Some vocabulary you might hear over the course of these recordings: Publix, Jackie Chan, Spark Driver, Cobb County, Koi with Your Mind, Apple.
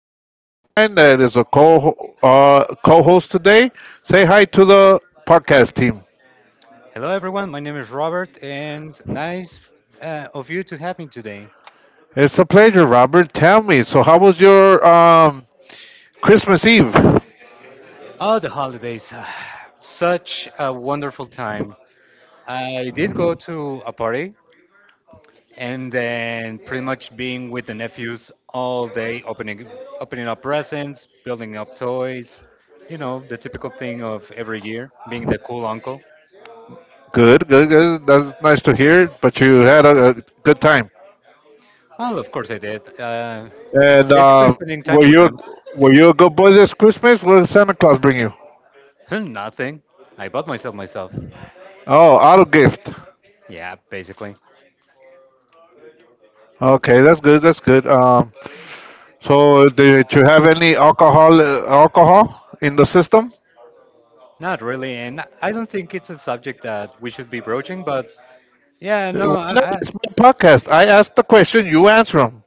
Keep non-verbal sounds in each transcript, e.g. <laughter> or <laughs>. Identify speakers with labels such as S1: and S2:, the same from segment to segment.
S1: a good friend of mine that is a co co-host today. Say hi to the podcast team.
S2: Hello, everyone. My name is Robert, and nice of you to have me today.
S1: It's a pleasure, Robert. Tell me, so how was your Christmas Eve?
S2: Oh, the holidays. <sighs> Such a wonderful time. I did go to a party, and then pretty much being with the nephews all day, opening up presents, building up toys, you know, the typical thing of every year, being the cool uncle.
S1: Good, good, good. That's nice to hear. But you had a good time.
S2: Well, of course I did.
S1: And
S2: Basically,
S1: uh,
S2: spending
S1: were
S2: time with
S1: you a,
S2: them.
S1: were you a good boy this Christmas? What did Santa Claus bring you?
S2: <laughs> Nothing. I bought myself.
S1: Oh, auto gift.
S2: Yeah, basically.
S1: Okay, that's good. That's good. So, did you have any alcohol in the system?
S2: Not really, and I don't think it's a subject that we should be broaching. But yeah, no,
S1: Why not?
S2: I
S1: It's my podcast. I ask the question, you answer them.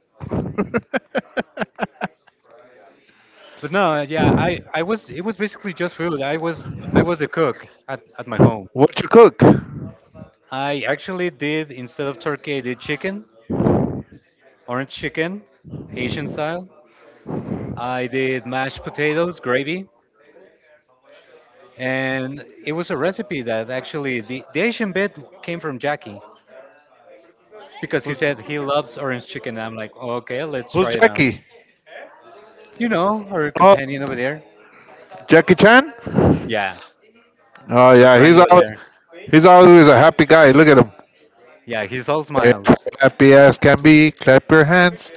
S2: but no, yeah, I was it was basically just food. I was a cook at my home.
S1: What you cook?
S2: I actually did, instead of turkey, I did chicken, orange chicken, Asian style. I did mashed potatoes, gravy, and it was a recipe that actually the Asian bit came from Jackie because he
S1: Who's
S2: said he loves orange chicken. I'm like, okay, let's
S1: Who's
S2: try it out.
S1: Jackie?
S2: You know, our
S1: Oh,
S2: companion over there.
S1: Jackie Chan.
S2: Yeah.
S1: Oh
S2: Our
S1: yeah,
S2: friend
S1: he's
S2: over
S1: always
S2: there.
S1: he's always a happy guy. Look at him.
S2: Yeah, he's all
S1: Eh,
S2: smiles.
S1: Happy as can be. Clap your hands.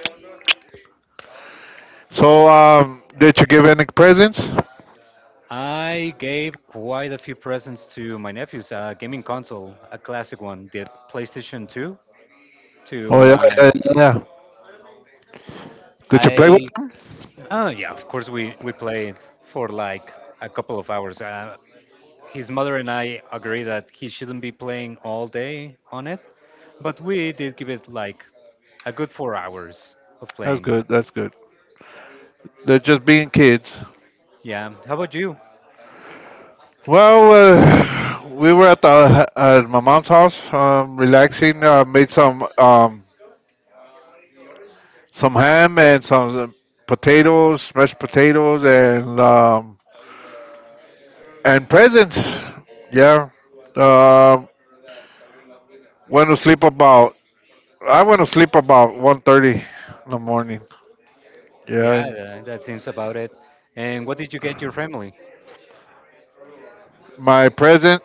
S1: So, did you give any presents?
S2: I gave quite a few presents to my nephews. A gaming console, a classic one, the PlayStation 2. To
S1: Oh yeah, yeah,
S2: my,
S1: yeah, yeah. Did you play with?
S2: I, oh yeah, of course we played for like a couple of hours. His mother and I agree that he shouldn't be playing all day on it, but we did give it like a good 4 hours of
S1: That's
S2: playing.
S1: good. That's good. They're just being kids.
S2: Yeah. How about you?
S1: Well, we were at the at my mom's house, relaxing. Made some ham and some potatoes, mashed potatoes, and and presents. Yeah. Um went to sleep about. I went to sleep about 1:30 in the morning. Yeah. And
S2: That seems about it. And what did you get your family?
S1: my present,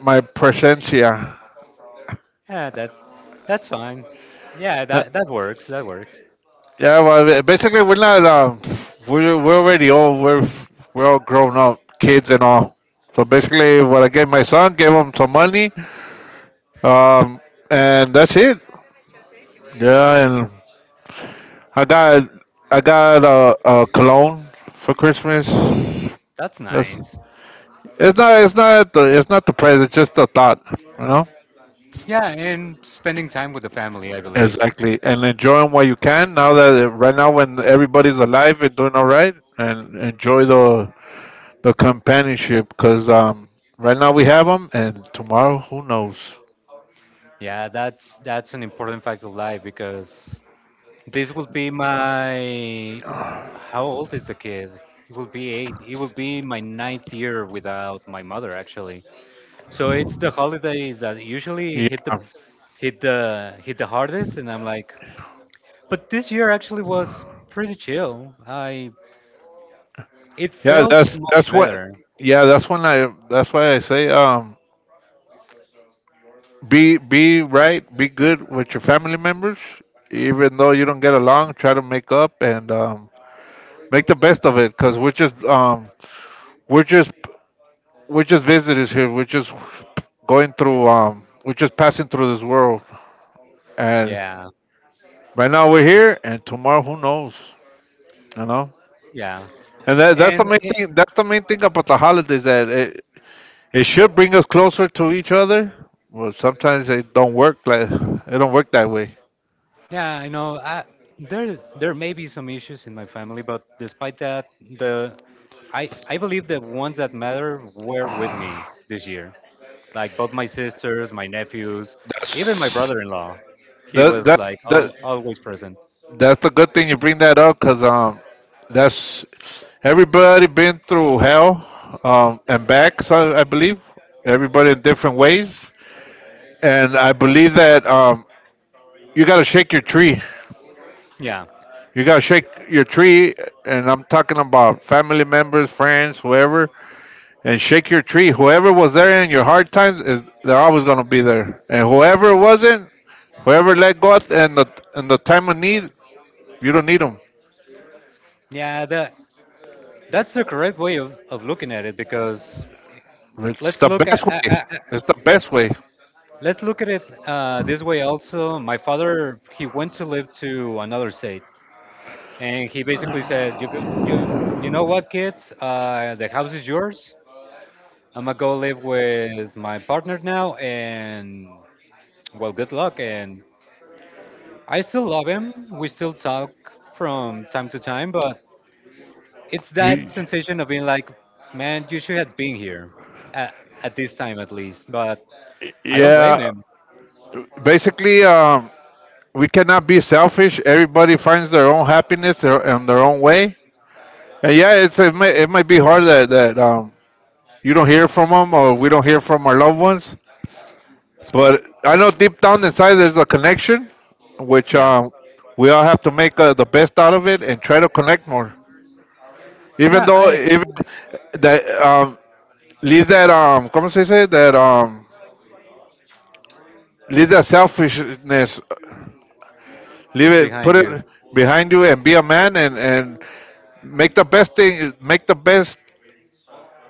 S1: my presencia.
S2: Yeah, that that's fine. Yeah, that that works. That works.
S1: Yeah, well, basically we're not. We're already old. We're all grown up, kids and all. So basically, what I gave my son, gave him some money, um, and that's it. Yeah, and I got I got a cologne for Christmas.
S2: That's
S1: That's
S2: nice.
S1: It's not the price. It's just the thought, you know.
S2: Yeah, and spending time with the family, I believe.
S1: Exactly, and enjoy 'em while you can. Now that right now, when everybody's alive and doing all right, and enjoy the companionship, because right now we have them and tomorrow who knows.
S2: Yeah, that's an important fact of life because this will be my how old is the kid? He will be eight. It will be my ninth year without my mother actually. So it's the holidays that usually
S1: Yeah.
S2: hit the hardest, and I'm like, but this year actually was pretty chill. I, it
S1: Yeah,
S2: felt much
S1: that's what
S2: better.
S1: yeah that's why I say, be right, be good with your family members, even though you don't get along. Try to make up, and make the best of it, because we're just we're just visitors here. We're just passing through this world, and
S2: Yeah,
S1: right now we're here and tomorrow who knows you know
S2: yeah,
S1: And that's the
S2: and
S1: main thing. That's the main thing about the holidays, that it should bring us closer to each other. Well, sometimes it don't work, that way.
S2: yeah, I know. There, there may be some issues in my family, but despite that, I believe the ones that matter were with me this year. Like both my sisters, my nephews, even my
S1: That's
S2: brother-in-law. He
S1: that
S2: was
S1: that's
S2: like
S1: that
S2: al always present.
S1: that's the good thing, you bring that up, because that's everybody been through hell and back. So I believe everybody in different ways, and I believe that you gotta shake your tree.
S2: Yeah,
S1: You gotta shake your tree. And I'm talking about family members, friends, whoever, and shake your tree. Whoever was there in your hard times is they're always gonna be there. And whoever wasn't, whoever let go at in the time of need, you don't need them.
S2: yeah, that that's the correct way of looking at it because
S1: It's
S2: let's
S1: the
S2: look
S1: best way.
S2: at-
S1: It's the
S2: let-
S1: best way.
S2: Let's look at it this way also. My father, he went to live to another state, and he basically said, "You you know what, kids? The house is yours. I'm gonna go live with my partner now, and well, good luck." And I still love him. We still talk from time to time, but it's that
S1: You,
S2: sensation of being like, "Man, you should have been here at, at this time at least." But I don't
S1: yeah,
S2: blame him.
S1: basically, we cannot be selfish. Everybody finds their in their own way. And yeah, it might be hard that you don't hear from them, or we don't hear from our loved ones. But I know deep down inside there's a connection, which
S2: Yeah,
S1: we all have to make the best out of it and try to connect more. Even
S2: yeah,
S1: though,
S2: I
S1: even that leave that, ¿cómo se dice? That leave that selfishness, leave it, put
S2: behind
S1: it
S2: you.
S1: behind you, and be a man, and make the best thing, make the best,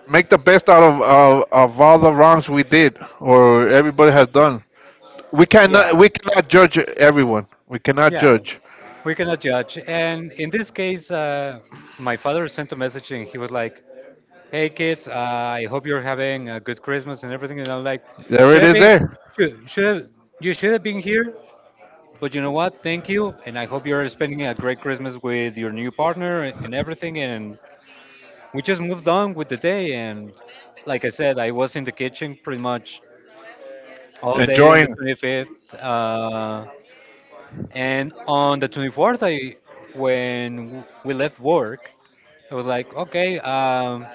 S1: make the best out of of all the wrongs we did, or everybody has done.
S2: Yeah.
S1: We cannot judge everyone. We cannot
S2: Yeah,
S1: judge.
S2: we cannot judge. And in this case, my father sent a message and he was like, "Hey kids, I hope you're having a good Christmas and everything." And I'm like,
S1: There
S2: "Should
S1: it
S2: have
S1: is
S2: been,
S1: there.
S2: "Should have, you should have been here." But you know what? Thank you, and I hope you're spending a great Christmas with your new partner and everything. And we just moved on with the day. And like I said, I was in the kitchen pretty much all day on the
S1: Enjoying.
S2: 25th. And on the 24th, when we left work, I was like, okay,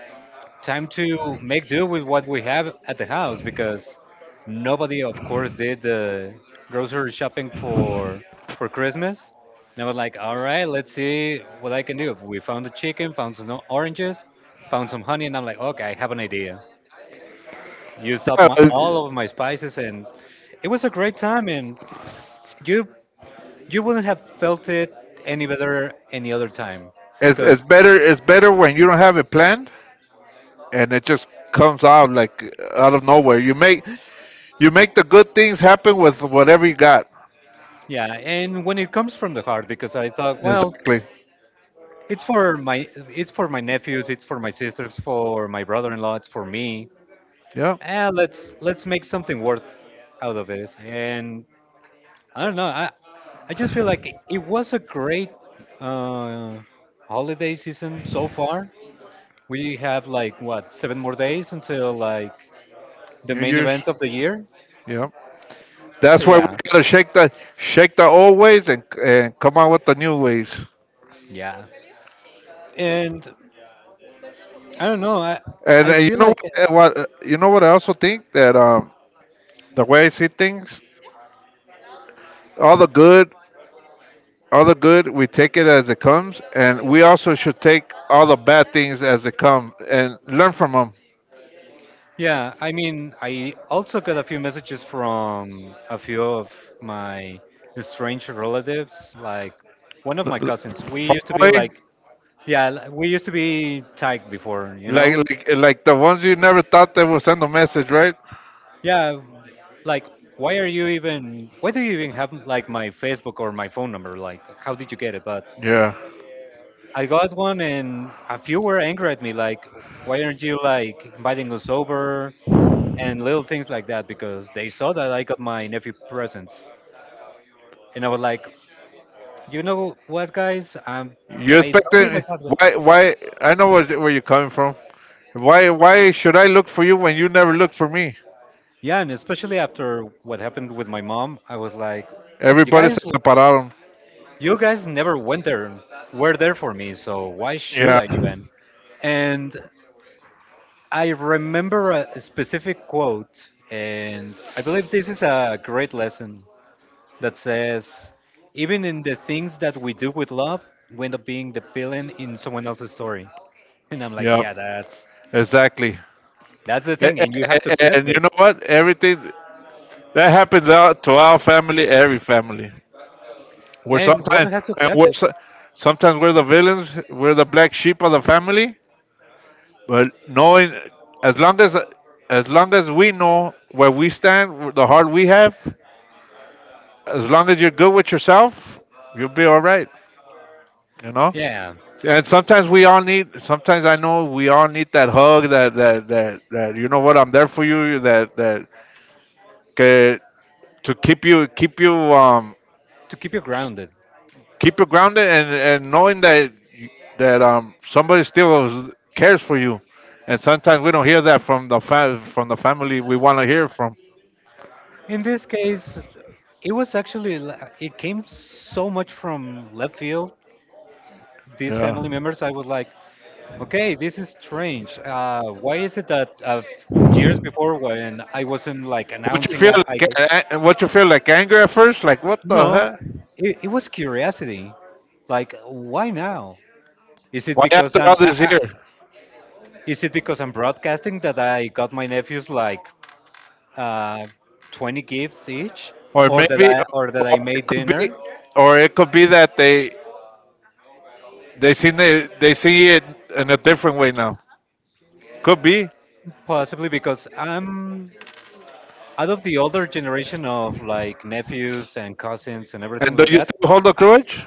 S2: time to make do with what we have at the house because nobody, of course, did the grocery shopping for Christmas. And I was like, all right, let's see what I can do. We found the chicken, found some oranges, found some honey, and I'm like, okay, I have an idea. Used up
S1: Yeah,
S2: all of my spices, and it was a great time. And you you wouldn't have felt it any better any other time
S1: it's
S2: because
S1: better. It's better when you don't have it planned, and it just comes out like out of nowhere. You make the good things happen with whatever you got.
S2: yeah, and when it comes from the heart, because I thought, well,
S1: Exactly.
S2: it's for my nephews, it's for my sisters, for my brother-in-law, it's for me.
S1: Yeah.
S2: Eh, let's make something worth out of this. And I don't know, I just feel like it was a great uh holiday season so far. We have like what, seven more days until like the
S1: New
S2: main
S1: Year's.
S2: event of the year.
S1: Yeah.
S2: So
S1: That's why we
S2: yeah,
S1: gotta shake the old ways and come out with the new ways.
S2: yeah. And I don't know,
S1: And,
S2: I
S1: and you
S2: feel
S1: know
S2: like
S1: what? You know what? I also think that, the way I see things, all the good all the good, we take it as it comes, and we also should take all the bad things as they come and learn from them.
S2: yeah, I mean, I also got a few messages from a few of my strange relatives, like one of my cousins. We
S1: Far
S2: used to be
S1: away.
S2: like, yeah, we used to be tagged before, you
S1: like
S2: know?
S1: like like the ones you never thought that would send a message, right?
S2: Yeah, like why do you even have like my Facebook or my phone number? Like how did you get it? But
S1: Yeah,
S2: I got one, and a few were angry at me like, why aren't you like inviting us over? And little things like that, because they saw that I got my nephew presents, and I was like, you know what, guys,
S1: you
S2: I don't think I
S1: expecting.
S2: got the—"
S1: Why I know where you're coming from. Why should I look for you when you never look for me?
S2: Yeah, and especially after what happened with my mom, I was like, you
S1: Everybody se
S2: guys,
S1: separaron.
S2: you guys never went there, were there for me, so why should I
S1: Yeah.
S2: even? And I remember a specific quote, and I believe this is a great lesson that says, even in the things that we do with love, we end up being the villain in someone else's story. And I'm like,
S1: Yeah,
S2: yeah,
S1: exactly.
S2: that's the
S1: and,
S2: thing, and you
S1: and,
S2: have to accept
S1: and you
S2: it.
S1: know what, everything that happens out to our family, every family. We're
S2: And
S1: sometimes
S2: one has to
S1: and
S2: accept
S1: we're
S2: it.
S1: so- Sometimes we're the villains. We're the black sheep of the family. But knowing, as long as we know where we stand, the heart we have, as long as you're good with yourself, you'll be all right. You know.
S2: Yeah,
S1: And sometimes we all need. Sometimes I know we all need that hug. That that that, that You know what, I'm there for you. Que- to um
S2: to keep you grounded.
S1: keep you grounded, and knowing that somebody still cares for you. And sometimes we don't hear that from the from the family we want to hear from.
S2: In this case, it was actually it came so much from left field. These
S1: Yeah.
S2: family members, I was like, okay, this is strange. Why is it that years before, when I wasn't like
S1: What you
S2: announcing
S1: feel
S2: that I—
S1: like? Anger at first? Like what the
S2: No,
S1: heck?
S2: it was curiosity. Like, why now? Is it
S1: Why
S2: because
S1: after all
S2: I'm
S1: this year?
S2: broadcasting that I got my nephews like uh, 20 gifts each,
S1: Or maybe,
S2: or that
S1: or
S2: I
S1: it
S2: made
S1: could be,
S2: dinner?
S1: or it could be that they see it in a different way now. Could be.
S2: Possibly because I'm out of the older generation of like nephews and cousins and everything
S1: And do
S2: like
S1: you
S2: that.
S1: still hold a grudge?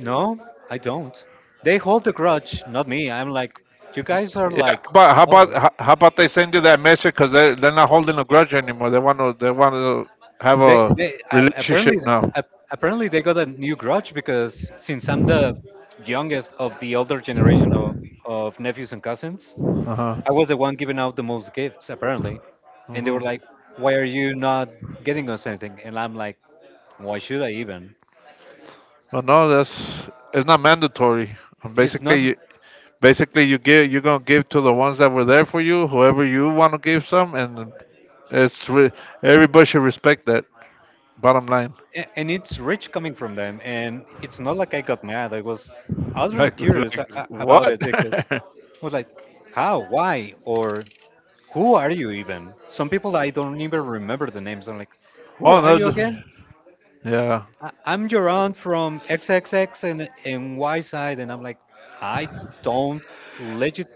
S2: No, I don't. They hold the grudge, not me. I'm like, you guys are
S1: Yeah,
S2: like,
S1: but
S2: oh.
S1: how about they send you that message, because they're not holding a grudge anymore. They want to have a
S2: They apparently
S1: relationship now.
S2: uh, apparently they got a new grudge because since I'm the youngest of the older generation of nephews and cousins,
S1: Uh huh.
S2: I was the one giving out the most gifts apparently, and they
S1: hmm
S2: were like, "Why are you not getting us anything?" And I'm like, "Why should I even?"
S1: Well, no, that's it's not mandatory.
S2: It's
S1: Basically,
S2: not,
S1: basically you give you're gonna give to the ones that were there for you, whoever you want to give some, and it's re- everybody should respect that. Bottom line.
S2: a- And it's rich coming from them, and it's not like I got mad. I was
S1: <laughs>
S2: utterly
S1: like
S2: curious
S1: like
S2: about
S1: what?
S2: it because I was like, "How? Why?" Or who are you even? Some people I don't even remember the names. I'm like,
S1: <laughs>
S2: who
S1: Oh
S2: are
S1: no,
S2: you
S1: no.
S2: again?
S1: Yeah.
S2: I'm your aunt from XXX and Y side, and I'm like, I don't legit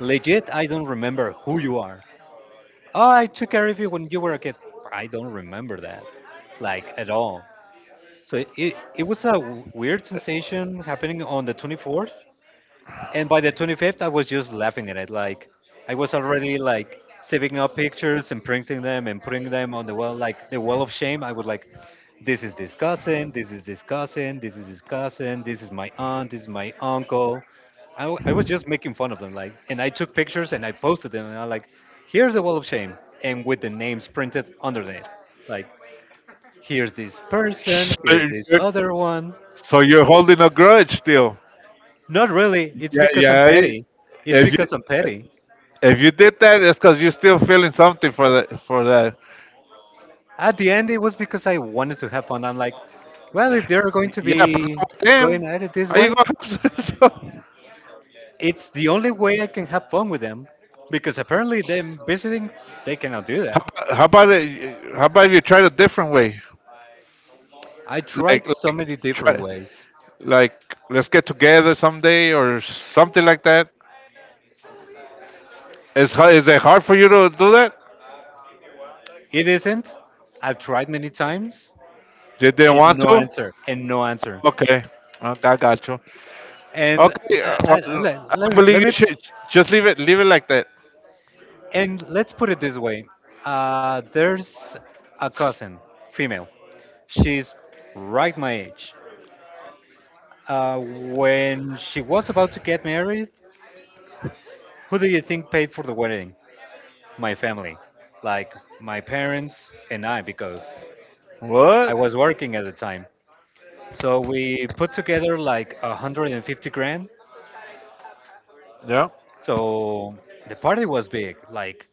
S2: legit, I don't remember who you are. Oh, I took care of you when you were a kid. I don't remember that like at all. So it was a weird sensation happening on the 24th, and by the 25th I was just laughing at it. Like, I was already like saving up pictures and printing them and putting them on the wall, like the wall of shame. I was like, this is this cousin, this is this cousin, this is this cousin, this is my aunt, this is my uncle. I was just making fun of them, like, and I took pictures and I posted them, and I like, here's the wall of shame, and with the names printed underneath, like, here's this person,
S1: So
S2: here's this
S1: you're,
S2: other one.
S1: so you're holding a grudge still?
S2: Not really, it's
S1: Yeah,
S2: because I'm
S1: yeah.
S2: petty It's
S1: If you
S2: because I'm petty.
S1: if you did that, it's because you're still feeling something. For that. For that,
S2: At the end, it was because I wanted to have fun. I'm like, well, if they're going to
S1: yeah. But
S2: be
S1: not with
S2: going
S1: them,
S2: at it this
S1: how you
S2: way,
S1: going? <laughs>
S2: it's the only way I can have fun with them, because apparently them visiting, they cannot do
S1: How
S2: that.
S1: about how about if you try it a different way?
S2: I tried so
S1: Like
S2: many different
S1: try
S2: ways.
S1: like Let's get together someday or something like that. Is it hard for you to do that?
S2: It isn't. I've tried many times,
S1: You didn't
S2: and
S1: want
S2: no
S1: to?
S2: answer and no answer.
S1: Okay, okay, I got you.
S2: And
S1: Okay,
S2: I-
S1: well, I believe
S2: let me—
S1: you should just leave it like that.
S2: and let's put it this way. There's a cousin, female. She's right my age. When she was about to get married, who do you think paid for the wedding? My family, like my parents and I, because I
S1: What?
S2: was working at the time. So we put together like 150 grand.
S1: Yeah,
S2: So the party was big, like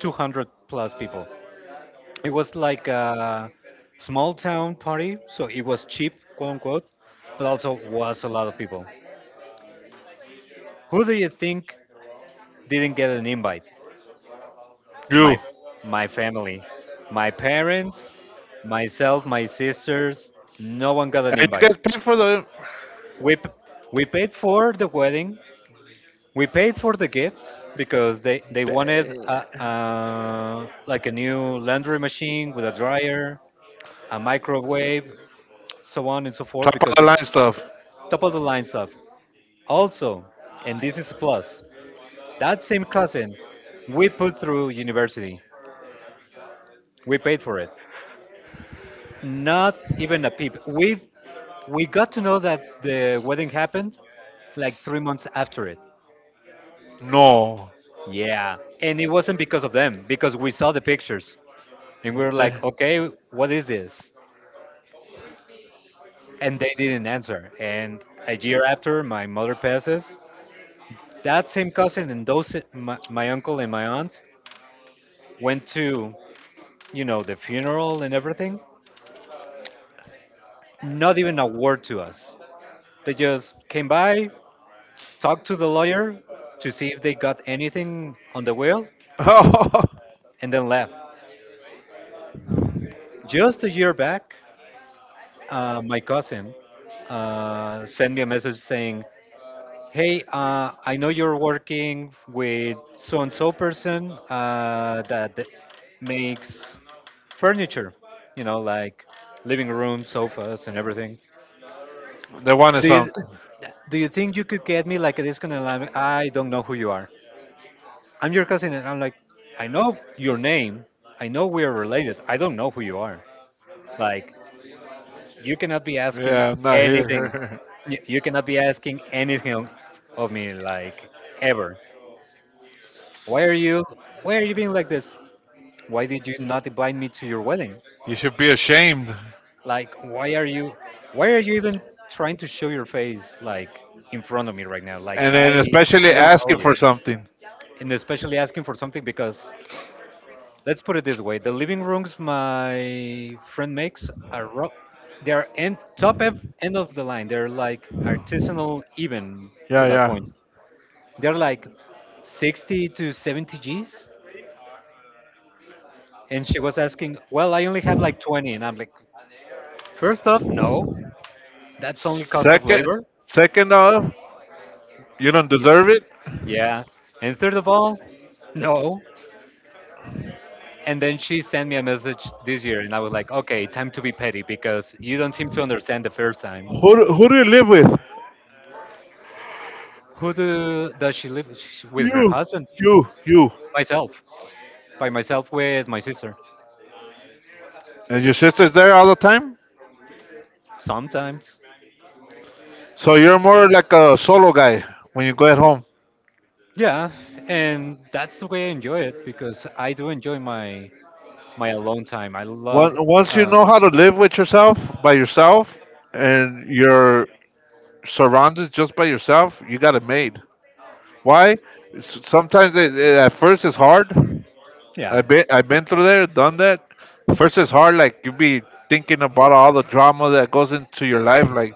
S2: 200 plus people. It was like a small town party, so it was cheap, quote unquote, but also was a lot of people. Who do you think didn't get an invite? my
S1: you
S2: my family, my parents, myself, my sisters. No one got an
S1: you
S2: invite.
S1: guys pay for the.
S2: We p- we paid for the wedding. We paid for the gifts because they wanted a,
S1: Damn.
S2: uh, like a new laundry machine with a dryer, a microwave, so on and so forth
S1: Top of
S2: because
S1: the
S2: they
S1: line stuff.
S2: top of the line stuff. Also, and this is a plus, that same cousin we put through university. We paid for it. Not even a peep. We got to know that the wedding happened like 3 months after it.
S1: No.
S2: Yeah. And it wasn't because of them, because we saw the pictures and we were like,
S1: The,
S2: okay, what is this? And they didn't answer. And a year after my mother passes, that same cousin and those, my uncle and my aunt went to, the funeral and everything. Not even a word to us. They just came by, talked to the lawyer to see if they got anything on the will,
S1: <laughs> oh,
S2: and then left. Just a year back, my cousin sent me a message saying, hey, I know you're working with so and so person makes furniture, like living room, sofas, and everything.
S1: they wanted
S2: Do you,
S1: something.
S2: do you think you could get me like a discount? And I'm like, I don't know who you are. I'm your cousin. And I'm like, I know your name. I know we are related. I don't know who you are. Like, you cannot be asking
S1: Yeah, I'm not
S2: anything.
S1: here.
S2: You cannot be asking anything of me, like ever. Why are you? Why are you being like this? Why did you not invite me to your wedding?
S1: <laughs> You should be ashamed.
S2: Like, why are you? Why are you even trying to show your face like in front of me right now? Like,
S1: And then
S2: I,
S1: especially
S2: I don't owe
S1: asking
S2: you,
S1: for something.
S2: and especially asking for something because let's put it this way: the living rooms my friend makes are they're end top end end of the line. They're like artisanal, even to
S1: Yeah,
S2: that
S1: yeah.
S2: point. They're like 60 to 70 Gs. And she was asking, well, I only have like 20. And I'm like, first off, no, that's only cost of
S1: Second,
S2: labor.
S1: second off, you don't
S2: Y-
S1: deserve it.
S2: Yeah. And third of all, no. And then she sent me a message this year, and I was like, okay, time to be petty because you don't seem to understand the first time.
S1: Who do you live with?
S2: Who do, does she live with? Her
S1: You,
S2: husband?
S1: you, you.
S2: Myself. By myself with my sister.
S1: And your sister's there all the time?
S2: Sometimes.
S1: So you're more like a solo guy when you go at home.
S2: Yeah, and that's the way I enjoy it because I do enjoy my my alone time. I love,
S1: Once you
S2: uh,
S1: know how to live with yourself by yourself, and you're surrounded just by yourself, you got it made. Why? Sometimes at first it's hard.
S2: yeah,
S1: I've been through there, done that. First it's hard, like you be thinking about all the drama that goes into your life. Like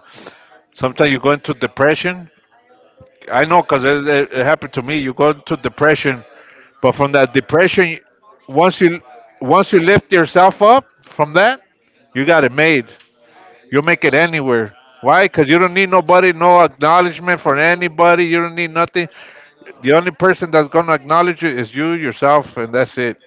S1: sometimes you go into depression. I know because it happened to me. You go into depression, but from that depression, once you lift yourself up from that, you got it made. You'll make it anywhere. Why? Because you don't need nobody, no acknowledgement from anybody. You don't need nothing. The only person that's gonna acknowledge you is you yourself, and that's it.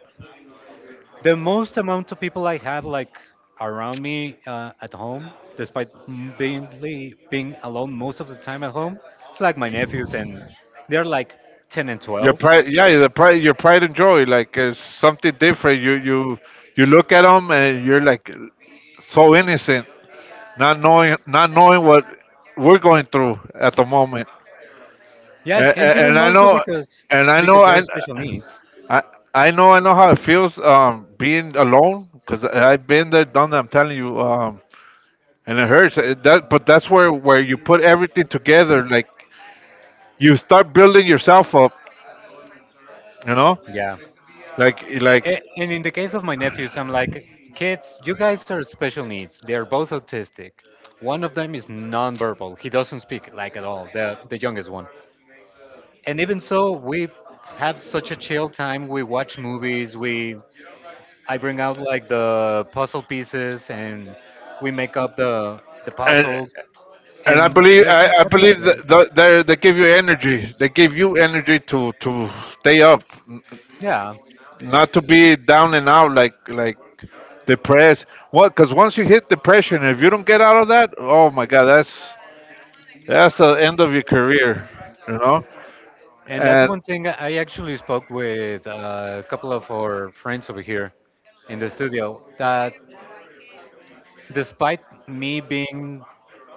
S2: the most amount of people I have like around me at home, despite being alone most of the time at home. It's like my nephews, and they're like ten and
S1: Your
S2: twelve.
S1: pride, yeah, the pride, your pride and joy, like it's something different. You look at them and you're like, so innocent, not knowing what we're going through at the moment.
S2: Yeah, and, and even
S1: And I
S2: more so
S1: know, and I know,
S2: because they're
S1: I
S2: special needs.
S1: I I know how it feels, being alone, because I've been there, done that, I'm telling you, and it hurts, it, that but that's where you put everything together, like you start building yourself up, you know.
S2: Yeah.
S1: like
S2: A-
S1: like
S2: a- And in the case of my nephews, I'm like, kids, you guys are special needs. They're both autistic. One of them is nonverbal. He doesn't speak like at all. The youngest one. And even so, we have such a chill time. We watch movies. We I bring out like the puzzle pieces and we make up the
S1: and
S2: puzzles
S1: and I
S2: and
S1: believe,
S2: they're
S1: I,
S2: just
S1: I
S2: happy
S1: believe
S2: about it.
S1: that they give you energy, to stay up, n-
S2: Yeah.
S1: not to be down and out, like depressed. What Because once you hit depression, if you don't get out of that, oh my god, that's the end of your career, you know.
S2: And that's
S1: And,
S2: one thing I actually spoke with a couple of our friends over here in the studio that despite me being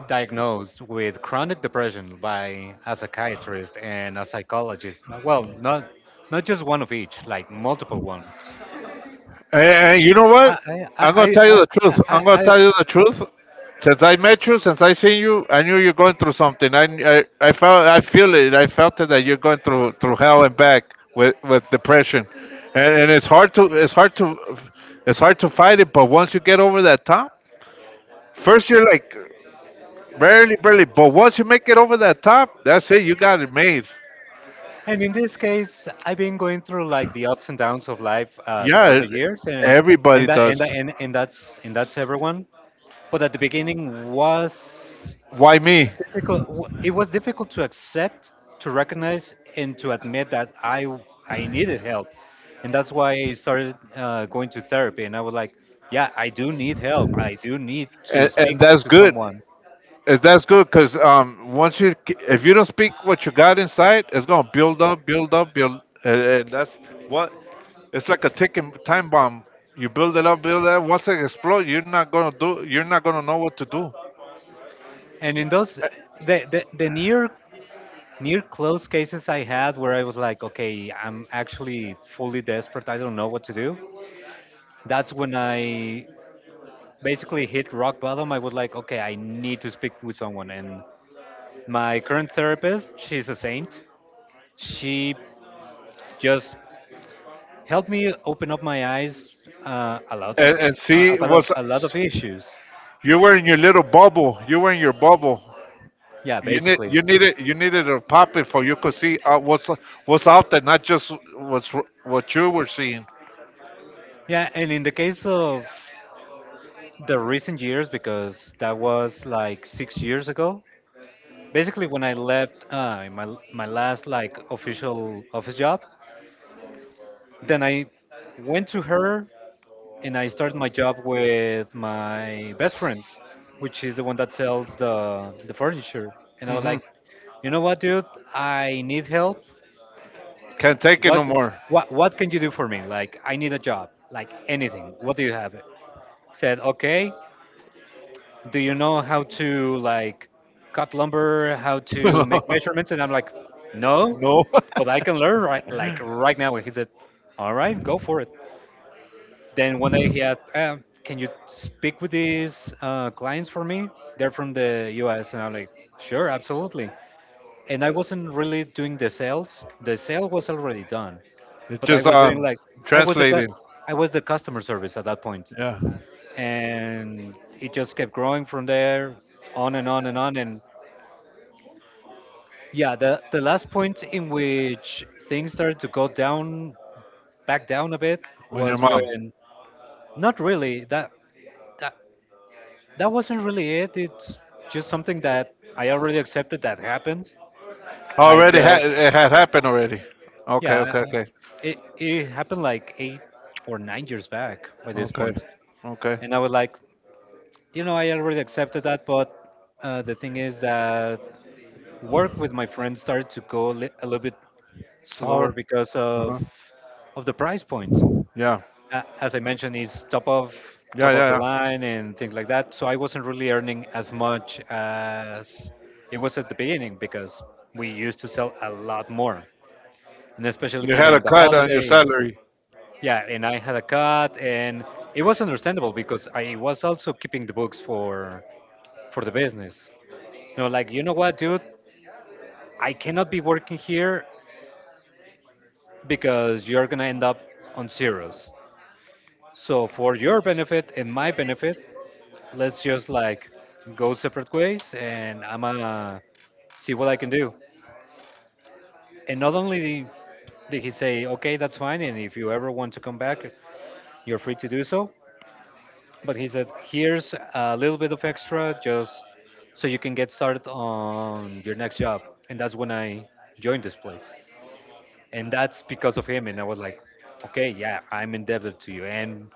S2: diagnosed with chronic depression by a psychiatrist and a psychologist, well, not not just one of each, like multiple ones.
S1: and you know
S2: I,
S1: what?
S2: I,
S1: I'm gonna
S2: I,
S1: tell you the truth.
S2: I, I,
S1: I'm gonna
S2: I,
S1: tell you the truth. Since I met you, since I seen you, I knew you're going through something. I felt I feel it. I felt it that you're going through hell and back with depression, and it's hard to it's hard to fight it. But once you get over that top, first you're like barely. But once you make it over that top, that's it. You got it made.
S2: and in this case, I've been going through like the ups and downs of life throughout
S1: Yeah,
S2: the years, and
S1: everybody does.
S2: that's everyone. But at the beginning was
S1: Why me?
S2: it was difficult to accept to recognize and to admit that I needed help, and that's why I started going to therapy, and I was like, yeah, I do need help. I do need to
S1: and,
S2: speak
S1: and that's
S2: to
S1: good.
S2: someone.
S1: And that's good because once if you don't speak what you got inside, it's gonna build up, build up, build, and that's what it's like a ticking time bomb. You build it up, build it up. Once it explodes, you're not gonna do. You're not gonna know what to do.
S2: And in those the near close cases I had where I was like, okay, I'm actually fully desperate, I don't know what to do, that's when I basically hit rock bottom. I was like, okay, I need to speak with someone. And my current therapist, she's a saint. She just helped me open up my eyes a lot of
S1: And see
S2: about
S1: what's
S2: a lot of issues.
S1: you were in your little bubble. You were in your bubble.
S2: Yeah, basically.
S1: You needed to pop it for you could see what's out there, not just what you were seeing.
S2: Yeah, and in the case of the recent years, because that was like 6 years ago, basically when I left my my last like official office job, then I went to her and I started my job with my best friend, which is the one that sells the furniture. And I was
S1: hmm
S2: like, you know what, dude? I need help.
S1: Can't take it no
S2: What
S1: more.
S2: what can you do for me? Like I need a job. Like anything. What do you have? Said, okay, do you know how to like cut lumber, how to make
S1: <laughs>
S2: measurements? And I'm like, no,
S1: No,
S2: but I can learn right now. And he said, all right, go for it. Then one day he asked, can you speak with these clients for me? They're from the US. And I'm like, sure, absolutely. And I wasn't really doing the sales. The sale was already done.
S1: <laughs> it's
S2: But I
S1: just
S2: was doing like I was the cu-
S1: translating.
S2: I was the customer service at that point,
S1: Yeah,
S2: and it just kept growing from there, on and on and on. And yeah, the last point in which things started to go down, back down a bit,
S1: when your
S2: was
S1: mom
S2: when not really that that wasn't really it. It's just something that I already accepted that happened. I've
S1: already
S2: dealt,
S1: had it had happened already. Okay, okay,
S2: yeah,
S1: okay,
S2: it happened like 8 or 9 years back by this
S1: okay,
S2: point,
S1: okay.
S2: and I was like, you know, I already accepted that, but the thing is that work with my friends started to a little bit
S1: Sorry.
S2: slower because
S1: Uh-huh.
S2: of the price point.
S1: Yeah,
S2: As I mentioned, is
S1: yeah,
S2: top
S1: yeah,
S2: of the
S1: yeah.
S2: line and things like that. So I wasn't really earning as much as it was at the beginning because we used to sell a lot more, and especially
S1: You had a
S2: given the
S1: cut on your
S2: holidays.
S1: salary.
S2: Yeah, and I had a cut, and it was understandable because I was also keeping the books for the business. No, like, you know what, dude? I cannot be working here because you're gonna end up on zeros. So for your benefit and my benefit, let's just like go separate ways and I'm gonna see what I can do. And not only did he say, okay, that's fine, and if you ever want to come back, you're free to do so. But he said, here's a little bit of extra just so you can get started on your next job. And that's when I joined this place. And that's because of him. And I was like, okay, yeah, I'm indebted to you. And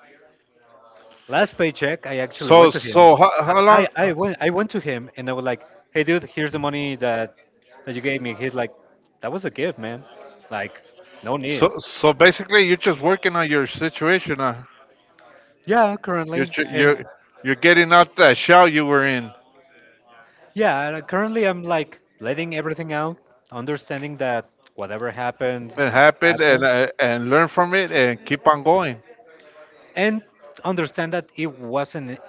S2: last paycheck, I actually
S1: So,
S2: went to him.
S1: so how long?
S2: I went to him and I was like, hey dude, here's the money that that you gave me. He's like, that was a gift, man. Like, no need.
S1: So basically, you're just working on your situation.
S2: Yeah,
S1: You're
S2: currently,
S1: tr-
S2: and
S1: you're you're getting out that shell you were in.
S2: yeah, currently I'm like letting everything out, understanding that whatever happened
S1: It happened,
S2: happened,
S1: and learn from it, and keep on going.
S2: and understand that it wasn't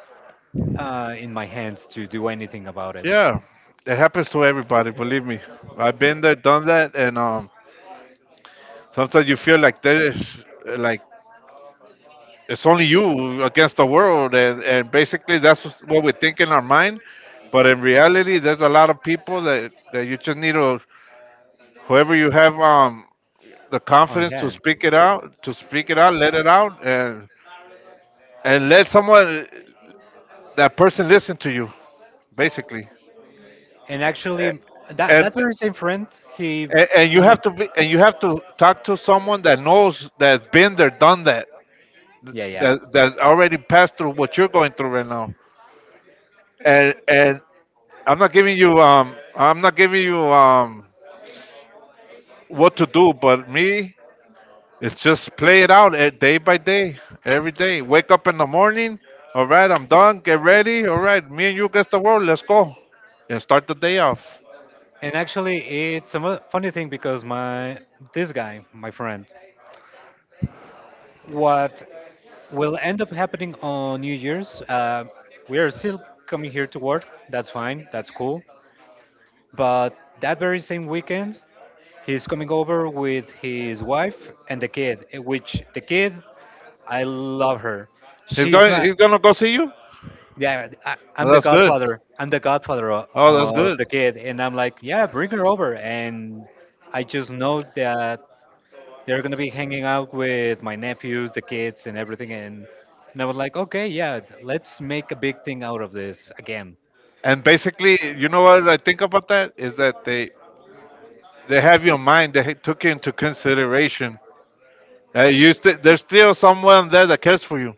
S2: in my hands to do anything about it
S1: Yeah, it happens to everybody. Believe me, I've been there, done that, and sometimes you feel like there's like it's only you against the world, and basically that's what we think in our mind. But in reality, there's a lot of people that you just need to whoever you have the
S2: on
S1: confidence to
S2: hand.
S1: speak it out, to speak it out, let it out, and let someone that person listen to you, basically.
S2: And actually, that
S1: And
S2: that very same friend, he
S1: and
S2: he
S1: you
S2: kno-
S1: have to talk to someone that knows, that's been there, done that,
S2: yeah, yeah.
S1: that already passed through what you're going through right now. And I'm not giving you what to do, but me, it's just play it out, day by day. Every day wake up in the morning, all right, I'm done, get ready, all right, me and you against the world, let's go, and start the day off.
S2: And actually, it's a funny thing because my this guy, my friend, what will end up happening on New Year's? We are still coming here to work. That's fine. That's cool. But that very same weekend, he's coming over with his wife and the kid. Which the kid, I love her. She's my
S1: He's gonna go see you.
S2: Yeah, I'm
S1: Oh,
S2: the
S1: that's good.
S2: godfather. I'm the godfather
S1: oh that's
S2: of
S1: good
S2: the kid, and I'm like, yeah, bring her over. And I just know that they're gonna be hanging out with my nephews, the kids, and everything. And I was like, okay, yeah, let's make a big thing out of this again.
S1: And basically, you know what I think about that is that they have your mind. They took you into consideration. There's still someone there that cares for you.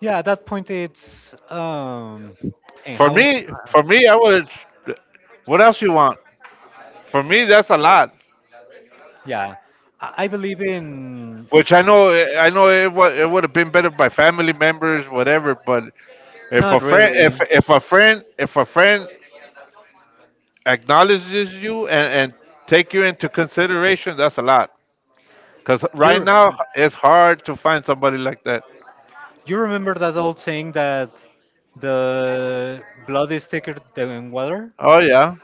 S2: Yeah, at that point, it's and how?
S1: For me, I would. What else you want? For me, that's a lot.
S2: Yeah, I believe in
S1: Which I know it would have been better by family members, whatever. But
S2: not really.
S1: if a friend, acknowledges you and take you into consideration, that's a lot. Cause right
S2: You're
S1: now it's hard to find somebody like that.
S2: you remember that old saying that the blood is thicker than water?
S1: Oh, yeah.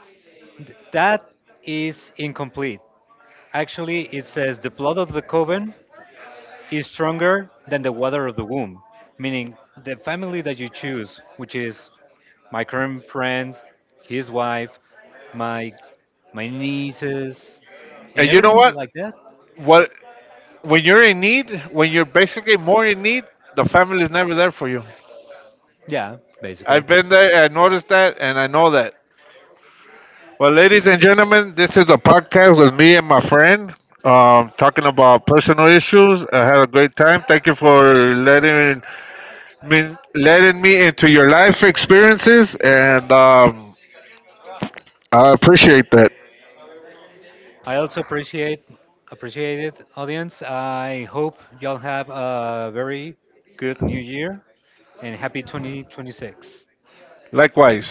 S2: That is incomplete. Actually, it says the blood of the coven is stronger than the water of the womb, meaning the family that you choose, which is my current friend, his wife, my my nieces,
S1: And
S2: and
S1: you know
S2: everything
S1: what?
S2: like that.
S1: What when you're in need, when you're basically more in need, the family is never there for you.
S2: Yeah, basically.
S1: I've been there, I noticed that, and I know that. Well, ladies and gentlemen, this is a podcast with me and my friend, talking about personal issues. I had a great time. Thank you for letting me into your life experiences, and I appreciate that.
S2: I also appreciate it, audience. I hope y'all have a very good New Year and happy 2026.
S1: Likewise.